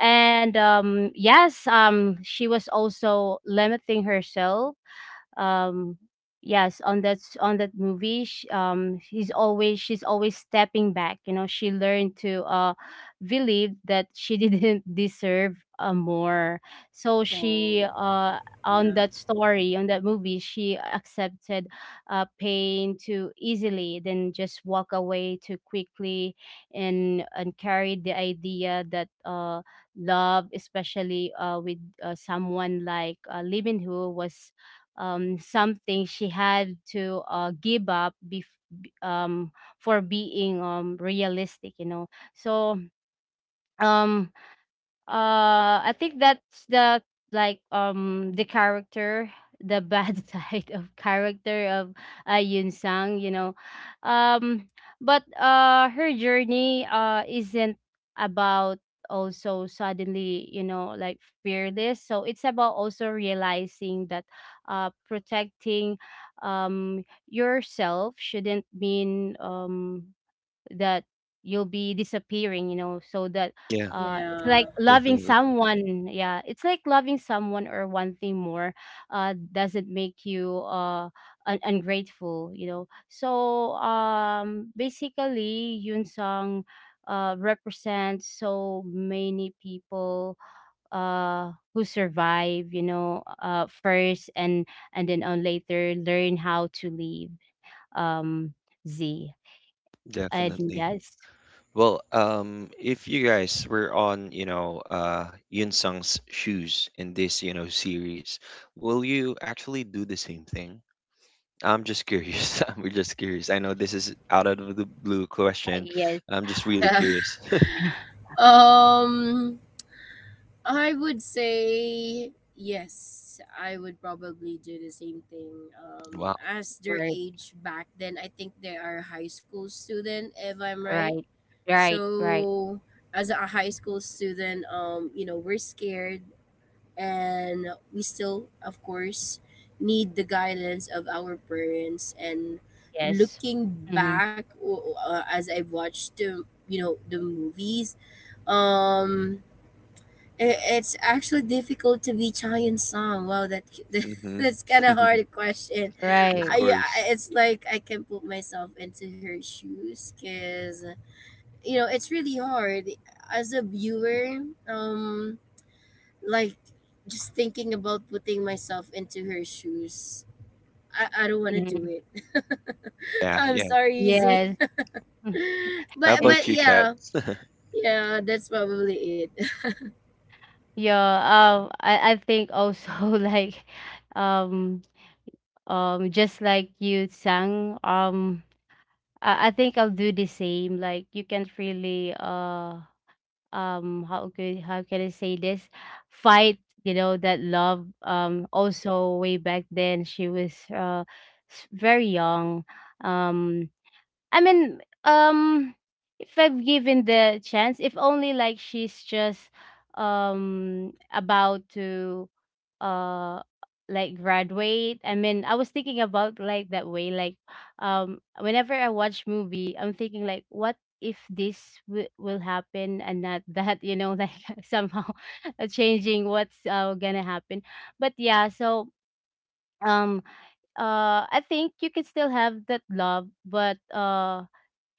Speaker 3: And yes, she was also limiting herself. um yes, on that on that movie, sh he's always she's always stepping back, you know. She learned to believe that she didn't deserve more. So
Speaker 2: oh,
Speaker 3: she on
Speaker 2: yeah,
Speaker 3: that story, on that movie, she accepted pain too easily, then just walk away too quickly. And carried the idea that love, especially with someone like Lee Min Ho, was something she had to give up b- um, for being realistic, you know. So um, I think that's the, like the character, the bad side of character of Yun Sang, you know. Um, but her journey isn't about also suddenly, you know, like fearless. So it's about also realizing that protecting yourself shouldn't mean that you'll be disappearing, you know, so that
Speaker 1: Yeah,
Speaker 3: it's like
Speaker 2: yeah,
Speaker 3: loving
Speaker 1: definitely,
Speaker 3: someone, yeah, it's like loving someone or one thing more doesn't make you ungrateful, you know. So basically, Yun Song represents so many people who survive, you know, first, and then on later learn how to live. um Z, and
Speaker 1: definitely.
Speaker 3: yes.
Speaker 1: Well, if you guys were on, you know, Yun Sung's shoes in this, you know, series, will you actually do the same thing? I'm just curious. I'm just curious. I know this is out of the blue question.
Speaker 3: Yes.
Speaker 1: I'm just really
Speaker 2: yeah.
Speaker 1: curious.
Speaker 2: um I would say yes. I would probably do the same thing.
Speaker 1: Wow.
Speaker 2: As their
Speaker 3: Right.
Speaker 2: age back then, I think they are high school student, if I'm right.
Speaker 3: Right. Right. Right.
Speaker 2: So as a high school student, we're scared, and we still, of course, need the guidance of our parents, and
Speaker 3: Yes.
Speaker 2: looking
Speaker 3: Mm-hmm.
Speaker 2: back, as I've watched the you know the movies, um I- It's actually difficult to be shy in song. Wow, that,
Speaker 1: hmm
Speaker 2: that's kind of
Speaker 1: Of
Speaker 2: hard question.
Speaker 3: Right.
Speaker 1: course.
Speaker 2: It's like I can put myself into her shoes, because it's really hard as a viewer. Like, just thinking about putting myself into her shoes. I don't want to
Speaker 3: Mm-hmm.
Speaker 2: do it.
Speaker 1: Yeah,
Speaker 2: I'm
Speaker 1: yeah.
Speaker 2: sorry, Z.
Speaker 3: Yes.
Speaker 1: How
Speaker 2: But
Speaker 1: about you, Kat?
Speaker 2: yeah, yeah, that's probably it.
Speaker 3: Yeah. I think also like, um. Just like you sang. I think I'll do the same. Like you can't really. How could, how can I say this? Fight, you know, that love. Also, way back then, she was, very young. Um. I mean, if I've given the chance, if only like she's just about to uh like graduate. I mean, I was thinking about like that way, like whenever I watch movie, I'm thinking like what if will happen and not that, you know, like somehow changing what's gonna happen. But yeah, so um I think you can still have that love, but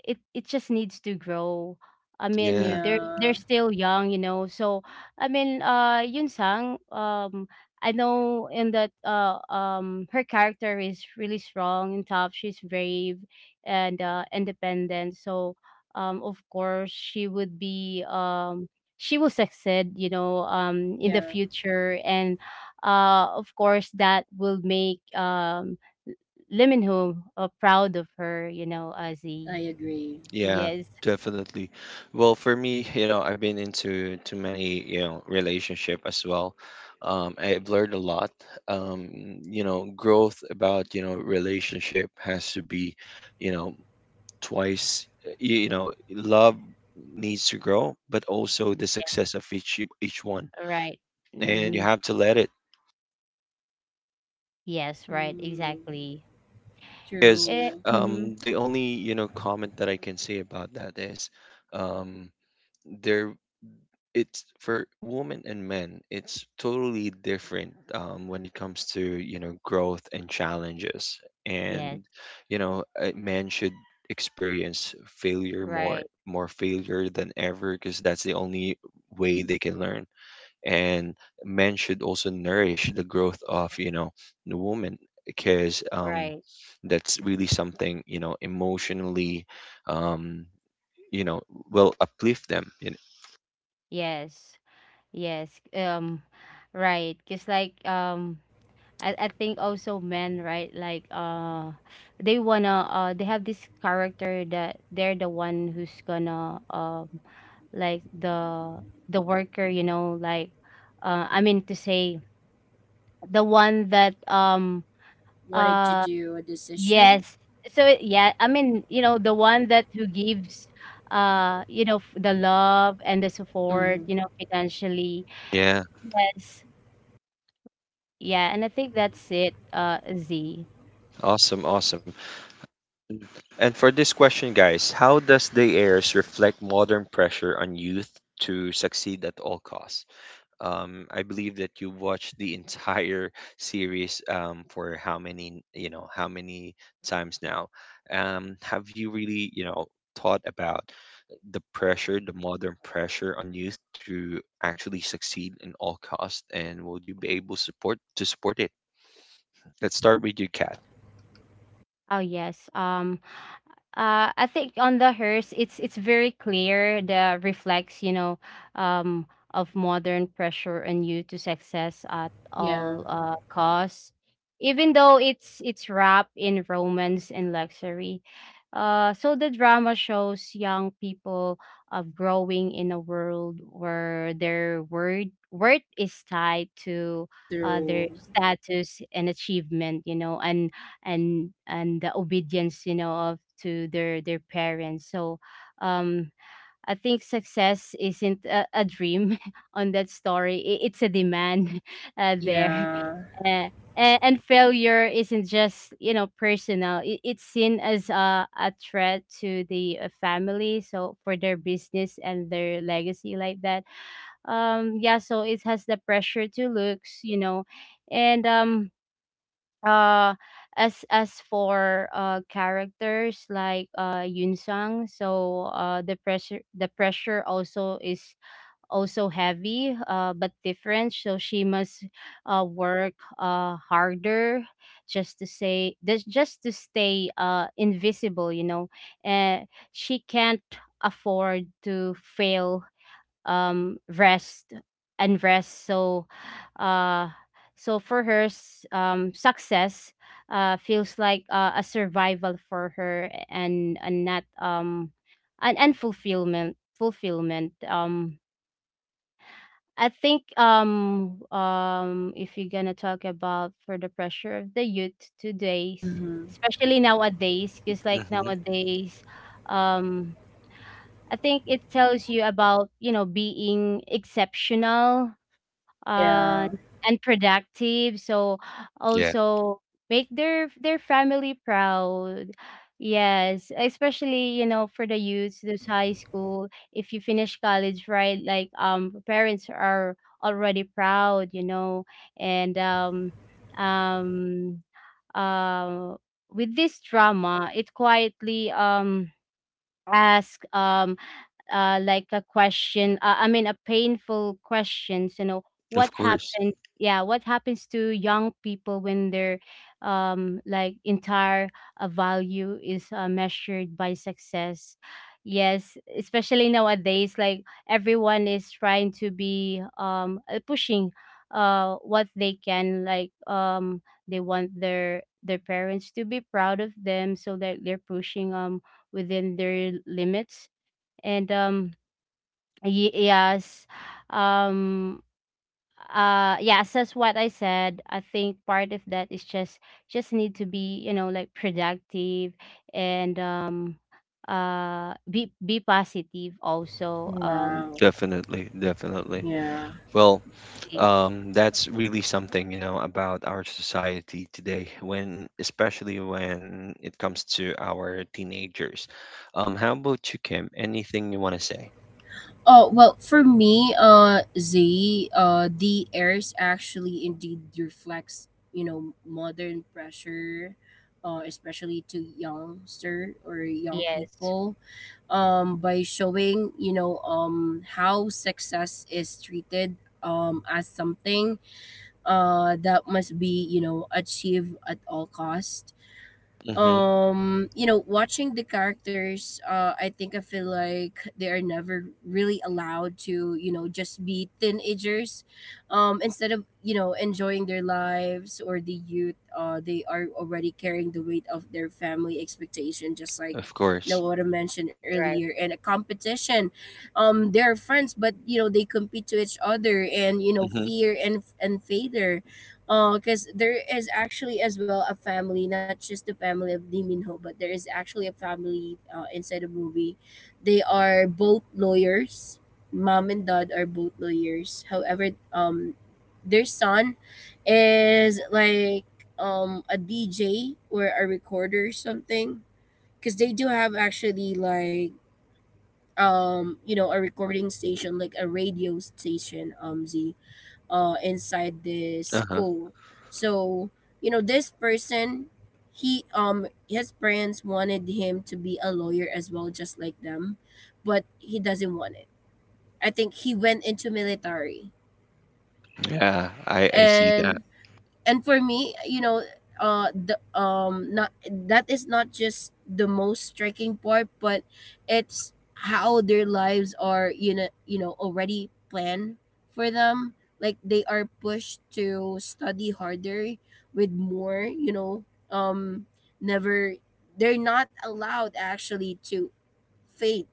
Speaker 3: it just needs to grow. I
Speaker 1: Yeah,
Speaker 3: mean,
Speaker 2: Yeah,
Speaker 3: they're still young, you know. So I mean, Yun Sang, I know in that her character is really strong and tough. She's brave and independent. So of course, she would be she will succeed, you know, in the
Speaker 2: yeah,
Speaker 3: future. And of course, that will make Lee Min Ho proud of her, you know,
Speaker 2: I
Speaker 3: Azzy.
Speaker 2: agree.
Speaker 1: yeah,
Speaker 3: Yes,
Speaker 1: definitely. Well, for me, you know, I've been into too many, you know, relationship as well. I've learned a lot. Um, you know, growth about, you know, relationship has to be, you know, twice you know love needs to grow but also the success of each one,
Speaker 3: right.
Speaker 1: and you
Speaker 3: Mhm.
Speaker 1: have to let it
Speaker 3: Yes, right,
Speaker 2: Hmm.
Speaker 3: exactly.
Speaker 1: because
Speaker 3: Eh,
Speaker 2: Through,
Speaker 3: mhm.
Speaker 1: the only you know comment that I can say about that is um there it's for women and men it's totally different when it comes to you know growth and challenges, and
Speaker 3: Yes,
Speaker 1: you know men should experience failure
Speaker 3: right,
Speaker 1: more failure than ever because that's the only way they can learn, and men should also nourish the growth of you know the woman because
Speaker 3: right.
Speaker 1: that's really something you know emotionally um you know will uplift them, you know?
Speaker 3: Yes, yes. Right. Cause like I think also men, right? Like they wanna they have this character that they're the one who's gonna like the worker, you know, like I mean to say the one that
Speaker 2: wanting to
Speaker 3: uh
Speaker 2: do a decision.
Speaker 3: yes. So yeah, I mean, you know, the one that who gives, you know, the love and the support,
Speaker 2: Mm,
Speaker 3: you know, financially.
Speaker 1: Yeah,
Speaker 3: Yes. Yeah, and I think that's it, uh, Z.
Speaker 1: awesome. And for this question, guys, how does the airs reflect modern pressure on youth to succeed at all costs? I believe that you watched the entire series, for how many, how many times now. Have you really, thought about the pressure, the modern pressure on youth to actually succeed in all cost, and will you be able support to support it? Let's start with you, Kat.
Speaker 3: Oh yes. I think on the hearse, it's very clear the reflects, you know, um, of modern pressure on you to success at
Speaker 2: yeah,
Speaker 3: all costs, even though it's wrapped in romance and luxury. So the drama shows young people of growing in a world where their word worth is tied to
Speaker 2: through,
Speaker 3: their status and achievement, you know, and and the obedience, you know, of to their parents. So um I think success isn't a dream on that story. It's a demand there,
Speaker 2: yeah,
Speaker 3: uh, and failure isn't just, you know, personal. It's seen as a threat to the family, so for their business and their legacy, like that. Yeah, so it has the pressure to looks, you know. And uh as for characters like Yun Sang, so the pressure also is also heavy, but different. So she must work harder just to say, just to stay invisible, you know. And she can't afford to fail, rest and rest. So uh so for her success feels like a survival for her, and not an and fulfillment fulfillment. I think if you're gonna talk about for the pressure of the youth today's,
Speaker 2: mm-hmm,
Speaker 3: especially nowadays, because like
Speaker 1: Hmm.
Speaker 3: nowadays, um I think it tells you about, you know, being exceptional, uh,
Speaker 2: yeah.
Speaker 3: and productive. So
Speaker 1: Yeah,
Speaker 3: also make their family proud. Yes, especially, you know, for the youths, those high school. If you finish college, right? Like parents are already proud, you know. And um, uh, with this drama, it quietly ask, like a question, I mean a painful questions, you know, what
Speaker 1: of course,
Speaker 3: happens, yeah, what happens to young people when their like entire value is measured by success. Yes, especially nowadays, like everyone is trying to be pushing what they can, like they want their parents to be proud of them, so that they're pushing within their limits. And yes, um yes, that's what I said. I think part of that is just need to be, you know, like productive. And be positive also.
Speaker 2: Wow,
Speaker 1: definitely, definitely.
Speaker 2: yeah.
Speaker 1: Well,
Speaker 3: Y-
Speaker 1: that's really something, you know, about our society today, when especially when it comes to our teenagers. How about you, Kim? Anything you want to say?
Speaker 2: Oh well, for me, Z, the airs actually indeed reflects, modern pressure, especially to youngster or young
Speaker 3: yes,
Speaker 2: people, by showing, how success is treated as something that must be achieved at all cost.
Speaker 1: Mm-hmm.
Speaker 2: Watching the characters, I think I feel like they are never really allowed to just be teenagers. Instead of enjoying their lives or the youth, they are already carrying the weight of their family expectation, just
Speaker 1: Of
Speaker 2: like you
Speaker 1: course.
Speaker 2: know what I mentioned
Speaker 3: right.
Speaker 2: earlier, and a competition. They're friends, but they compete to each other, and
Speaker 1: Mm-hmm.
Speaker 2: fear, and failure, because there is actually as well a family, not just the family of Lee Min Ho, but there is actually a family inside the movie. They are both lawyers. Mom and Dad are both lawyers. However, um, their son is like a DJ or a recorder or something. Because they do have actually like, a recording station, like a radio station, Z, inside this
Speaker 1: Uh-huh.
Speaker 2: school. So, this person, he his parents wanted him to be a lawyer as well, just like them, but he doesn't want it. I think he went into military.
Speaker 1: Yeah, I see that.
Speaker 2: And and for me, you know the not that is not just the most striking part, but it's how their lives are, already planned for them, like they are pushed to study harder with more, um never. They're not allowed actually to faith,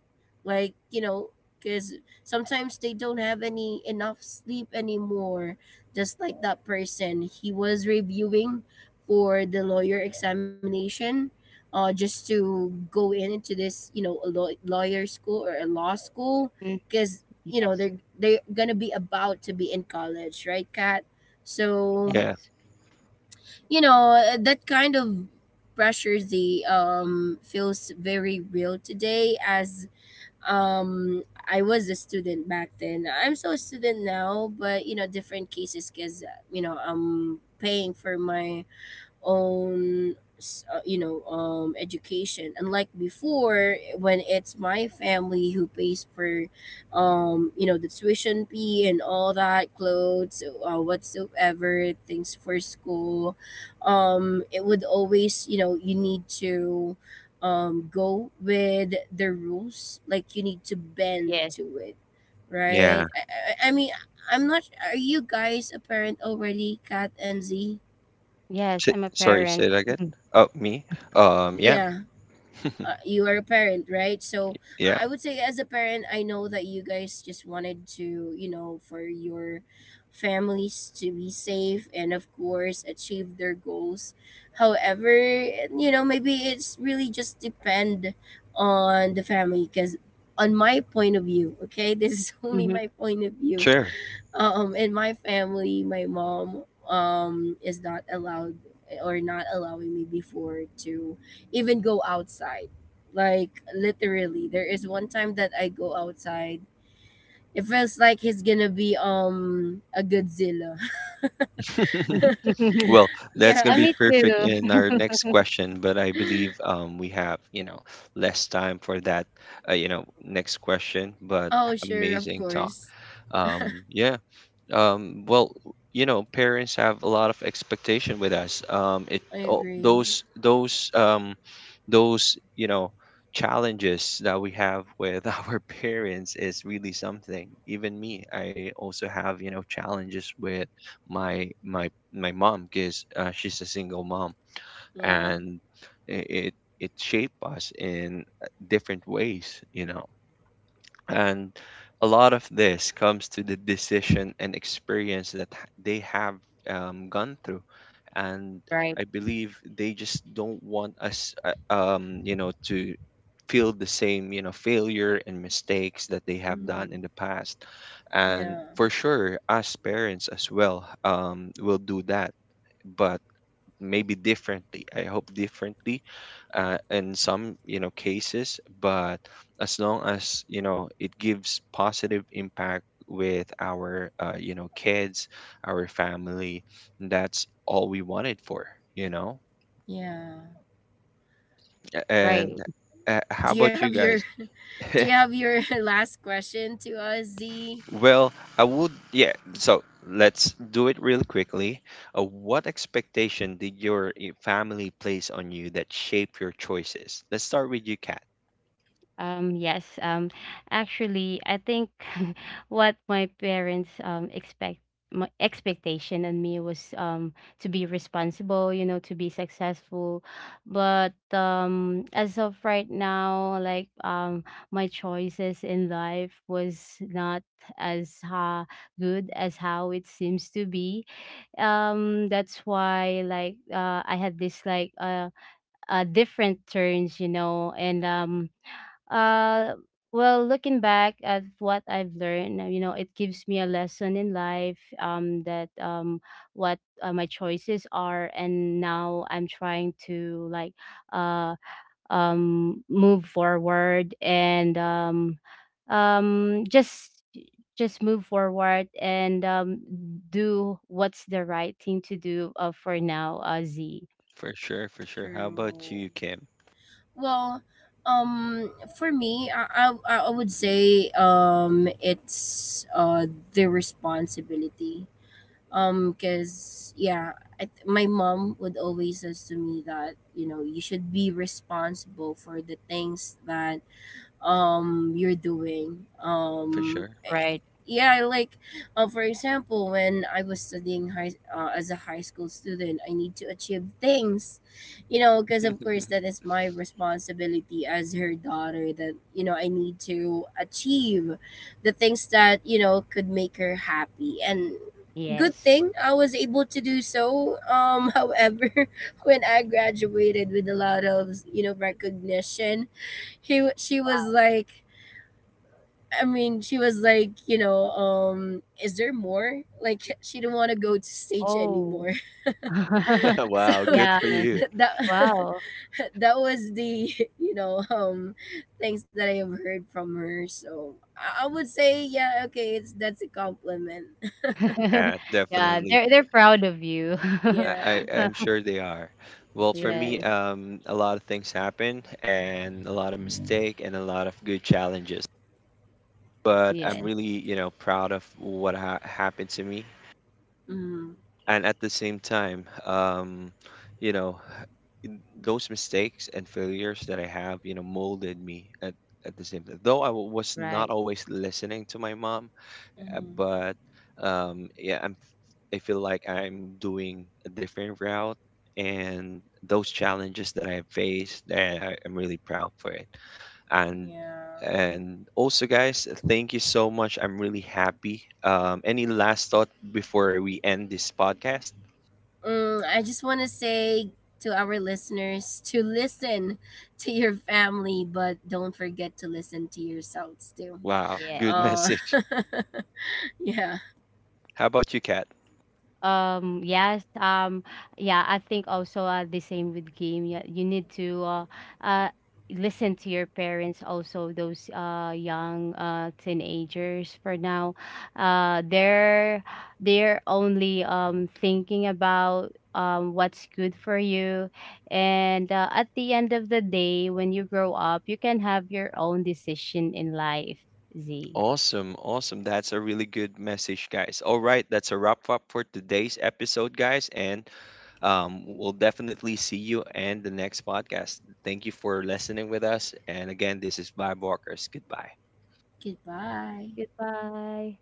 Speaker 2: like, you know, because sometimes they don't have any enough sleep anymore, just like that person, he was reviewing for the lawyer examination just to go in into this, a lawyer school or a law school,
Speaker 3: Mm,
Speaker 2: because
Speaker 3: yes,
Speaker 2: they're gonna be about to be in college, right, Kat? So,
Speaker 1: Yeah.
Speaker 3: yes,
Speaker 2: that kind of pressure, the feels very real today, as um I was a student back then. I'm so a student now, but, you know, different cases, because I'm paying for my own education, unlike before when it's my family who pays for, the tuition fee and all that clothes, whatsoever things for school. It would always, you need to, go with the rules, like you need to bend
Speaker 3: yes,
Speaker 2: to it,
Speaker 1: Yeah.
Speaker 2: right? I mean, I'm not, are you guys a parent already, Kat and Z?
Speaker 1: S
Speaker 3: yes. I'm a
Speaker 1: sorry, say that
Speaker 3: parent.
Speaker 1: again. Oh, me? Yeah.
Speaker 2: Yeah, you are a parent, right? So
Speaker 1: Yeah,
Speaker 2: I would say, as a parent, I know that you guys just wanted to, for your families to be safe, and of course achieve their goals. However, maybe it's really just depend on the family, because on my point of view, okay? This is only
Speaker 3: Mhm.
Speaker 2: my point of view.
Speaker 1: sure.
Speaker 2: In my family, my mom, is not allowed or not allowing me before to even go outside, like, literally there is one time that I go outside, it feels like he's gonna be a Godzilla.
Speaker 1: Well, that's going
Speaker 2: Yeah.
Speaker 1: to
Speaker 3: I
Speaker 1: be
Speaker 3: me
Speaker 1: perfect
Speaker 3: too.
Speaker 1: in our next question, but I believe we have, you know, less time for that, you know, next question, but
Speaker 2: Oh, sure, of
Speaker 1: amazing talk.
Speaker 2: course.
Speaker 1: Um, yeah, um, well, you know, parents have a lot of expectation with us. It
Speaker 2: I
Speaker 1: oh,
Speaker 2: agree.
Speaker 1: those you know challenges that we have with our parents is really something. Even me, I also have, you know, challenges with my my mom because she's a single mom,
Speaker 2: Yeah,
Speaker 1: and it it shaped us in different ways. You know, and a lot of this comes to the decision and experience that they have gone through. And
Speaker 3: Right,
Speaker 1: I believe they just don't want us, you know, to feel the same, you know, failure and mistakes that they have done in
Speaker 2: mm-hmm.
Speaker 1: the past. And
Speaker 2: Yeah,
Speaker 1: for sure, us parents as well will do that. But maybe differently. I hope differently in some, you know, cases, but as long as, you know, it gives positive impact with our, you know, kids, our family, that's all we wanted for, you know?
Speaker 2: yeah.
Speaker 1: A-
Speaker 3: right.
Speaker 1: And how
Speaker 2: do you
Speaker 1: about you
Speaker 2: have your
Speaker 1: guys?
Speaker 2: Do you have your last question to us, Z?
Speaker 1: Well, I would, yeah. So let's do it real quickly. What expectation did your family place on you that shape your choices? Let's start with you, Kat.
Speaker 3: Yes. Actually, I think what my parents expect, my expectation on me was to be responsible, you know, to be successful. But as of right now, like my choices in life was not as good as how it seems to be. That's why like I had this like different turns, you know. And uh well, looking back at what I've learned, you know, it gives me a lesson in life, that what my choices are. And now I'm trying to, like uh move forward, and um just just move forward, and do what's the right thing to do, for now, uh, Z.
Speaker 1: For sure, for sure. How about
Speaker 2: True.
Speaker 1: you, Kim?
Speaker 2: Well, um, for me, I would say it's the responsibility. Cause, yeah, my mom would always says to me that, you should be responsible for the things that, you're doing.
Speaker 1: For
Speaker 2: um
Speaker 1: sure.
Speaker 2: eh,
Speaker 3: Right.
Speaker 2: yeah, like, for example, when I was studying high as a high school student, I need to achieve things, because of course that is my responsibility as her daughter, that I need to achieve the things that, could make her happy. And good
Speaker 3: Yes.
Speaker 2: thing I was able to do so. However, when I graduated with a lot of, recognition, he she was
Speaker 3: Wow.
Speaker 2: like, I mean, she was like, is there more, like, she didn't want to go to stage
Speaker 3: Oh.
Speaker 2: anymore. So
Speaker 1: Wow, good
Speaker 3: Yeah.
Speaker 1: for you.
Speaker 2: that,
Speaker 3: Wow.
Speaker 2: that was the, you know um things that I have heard from her. So I would say, yeah, okay, it's that's a compliment.
Speaker 1: Yeah,
Speaker 3: Yeah,
Speaker 1: definitely.
Speaker 3: they're proud of you.
Speaker 1: I,
Speaker 2: Yeah.
Speaker 1: I'm sure they are. Well, for me,
Speaker 2: True,
Speaker 3: Yes.
Speaker 1: a lot of things happen and a lot of mistake and a lot of good challenges. But I'm
Speaker 2: true.
Speaker 3: Yes.
Speaker 1: really, you know, proud of what ha happened to me.
Speaker 2: Mm-hmm.
Speaker 1: And at the same time, you know, those mistakes and failures that I have, you know, molded me at the same time. Though I was not
Speaker 3: Right.
Speaker 1: always listening to my mom,
Speaker 2: Mm-hmm,
Speaker 1: but yeah, I feel like I'm doing a different route, and those challenges that I faced, eh, I, am really proud for it. And
Speaker 2: yeah.
Speaker 1: and also, guys, thank you so much. I'm really happy. Any last thought before we end this podcast?
Speaker 2: Mm, I just want to say to our listeners, to listen to your family, but don't forget to listen to yourselves too.
Speaker 1: Wow, good
Speaker 3: Yes.
Speaker 2: Uh,
Speaker 1: message.
Speaker 2: yeah.
Speaker 1: How about you, Kat?
Speaker 3: Yes, yeah, I think also, the same with game. Yeah, you need to uh, listen to your parents, also those young teenagers for now. Uh, they're they're only thinking about what's good for you. And at the end of the day, when you grow up, you can have your own decision in life, Z.
Speaker 1: Awesome, awesome. That's a really good message, guys. All right, that's a wrap up for today's episode, guys. And um, we'll definitely see you in the next podcast. Thank you for listening with us. And again, this is Bob Walkers. Goodbye.
Speaker 2: Goodbye.
Speaker 3: Goodbye.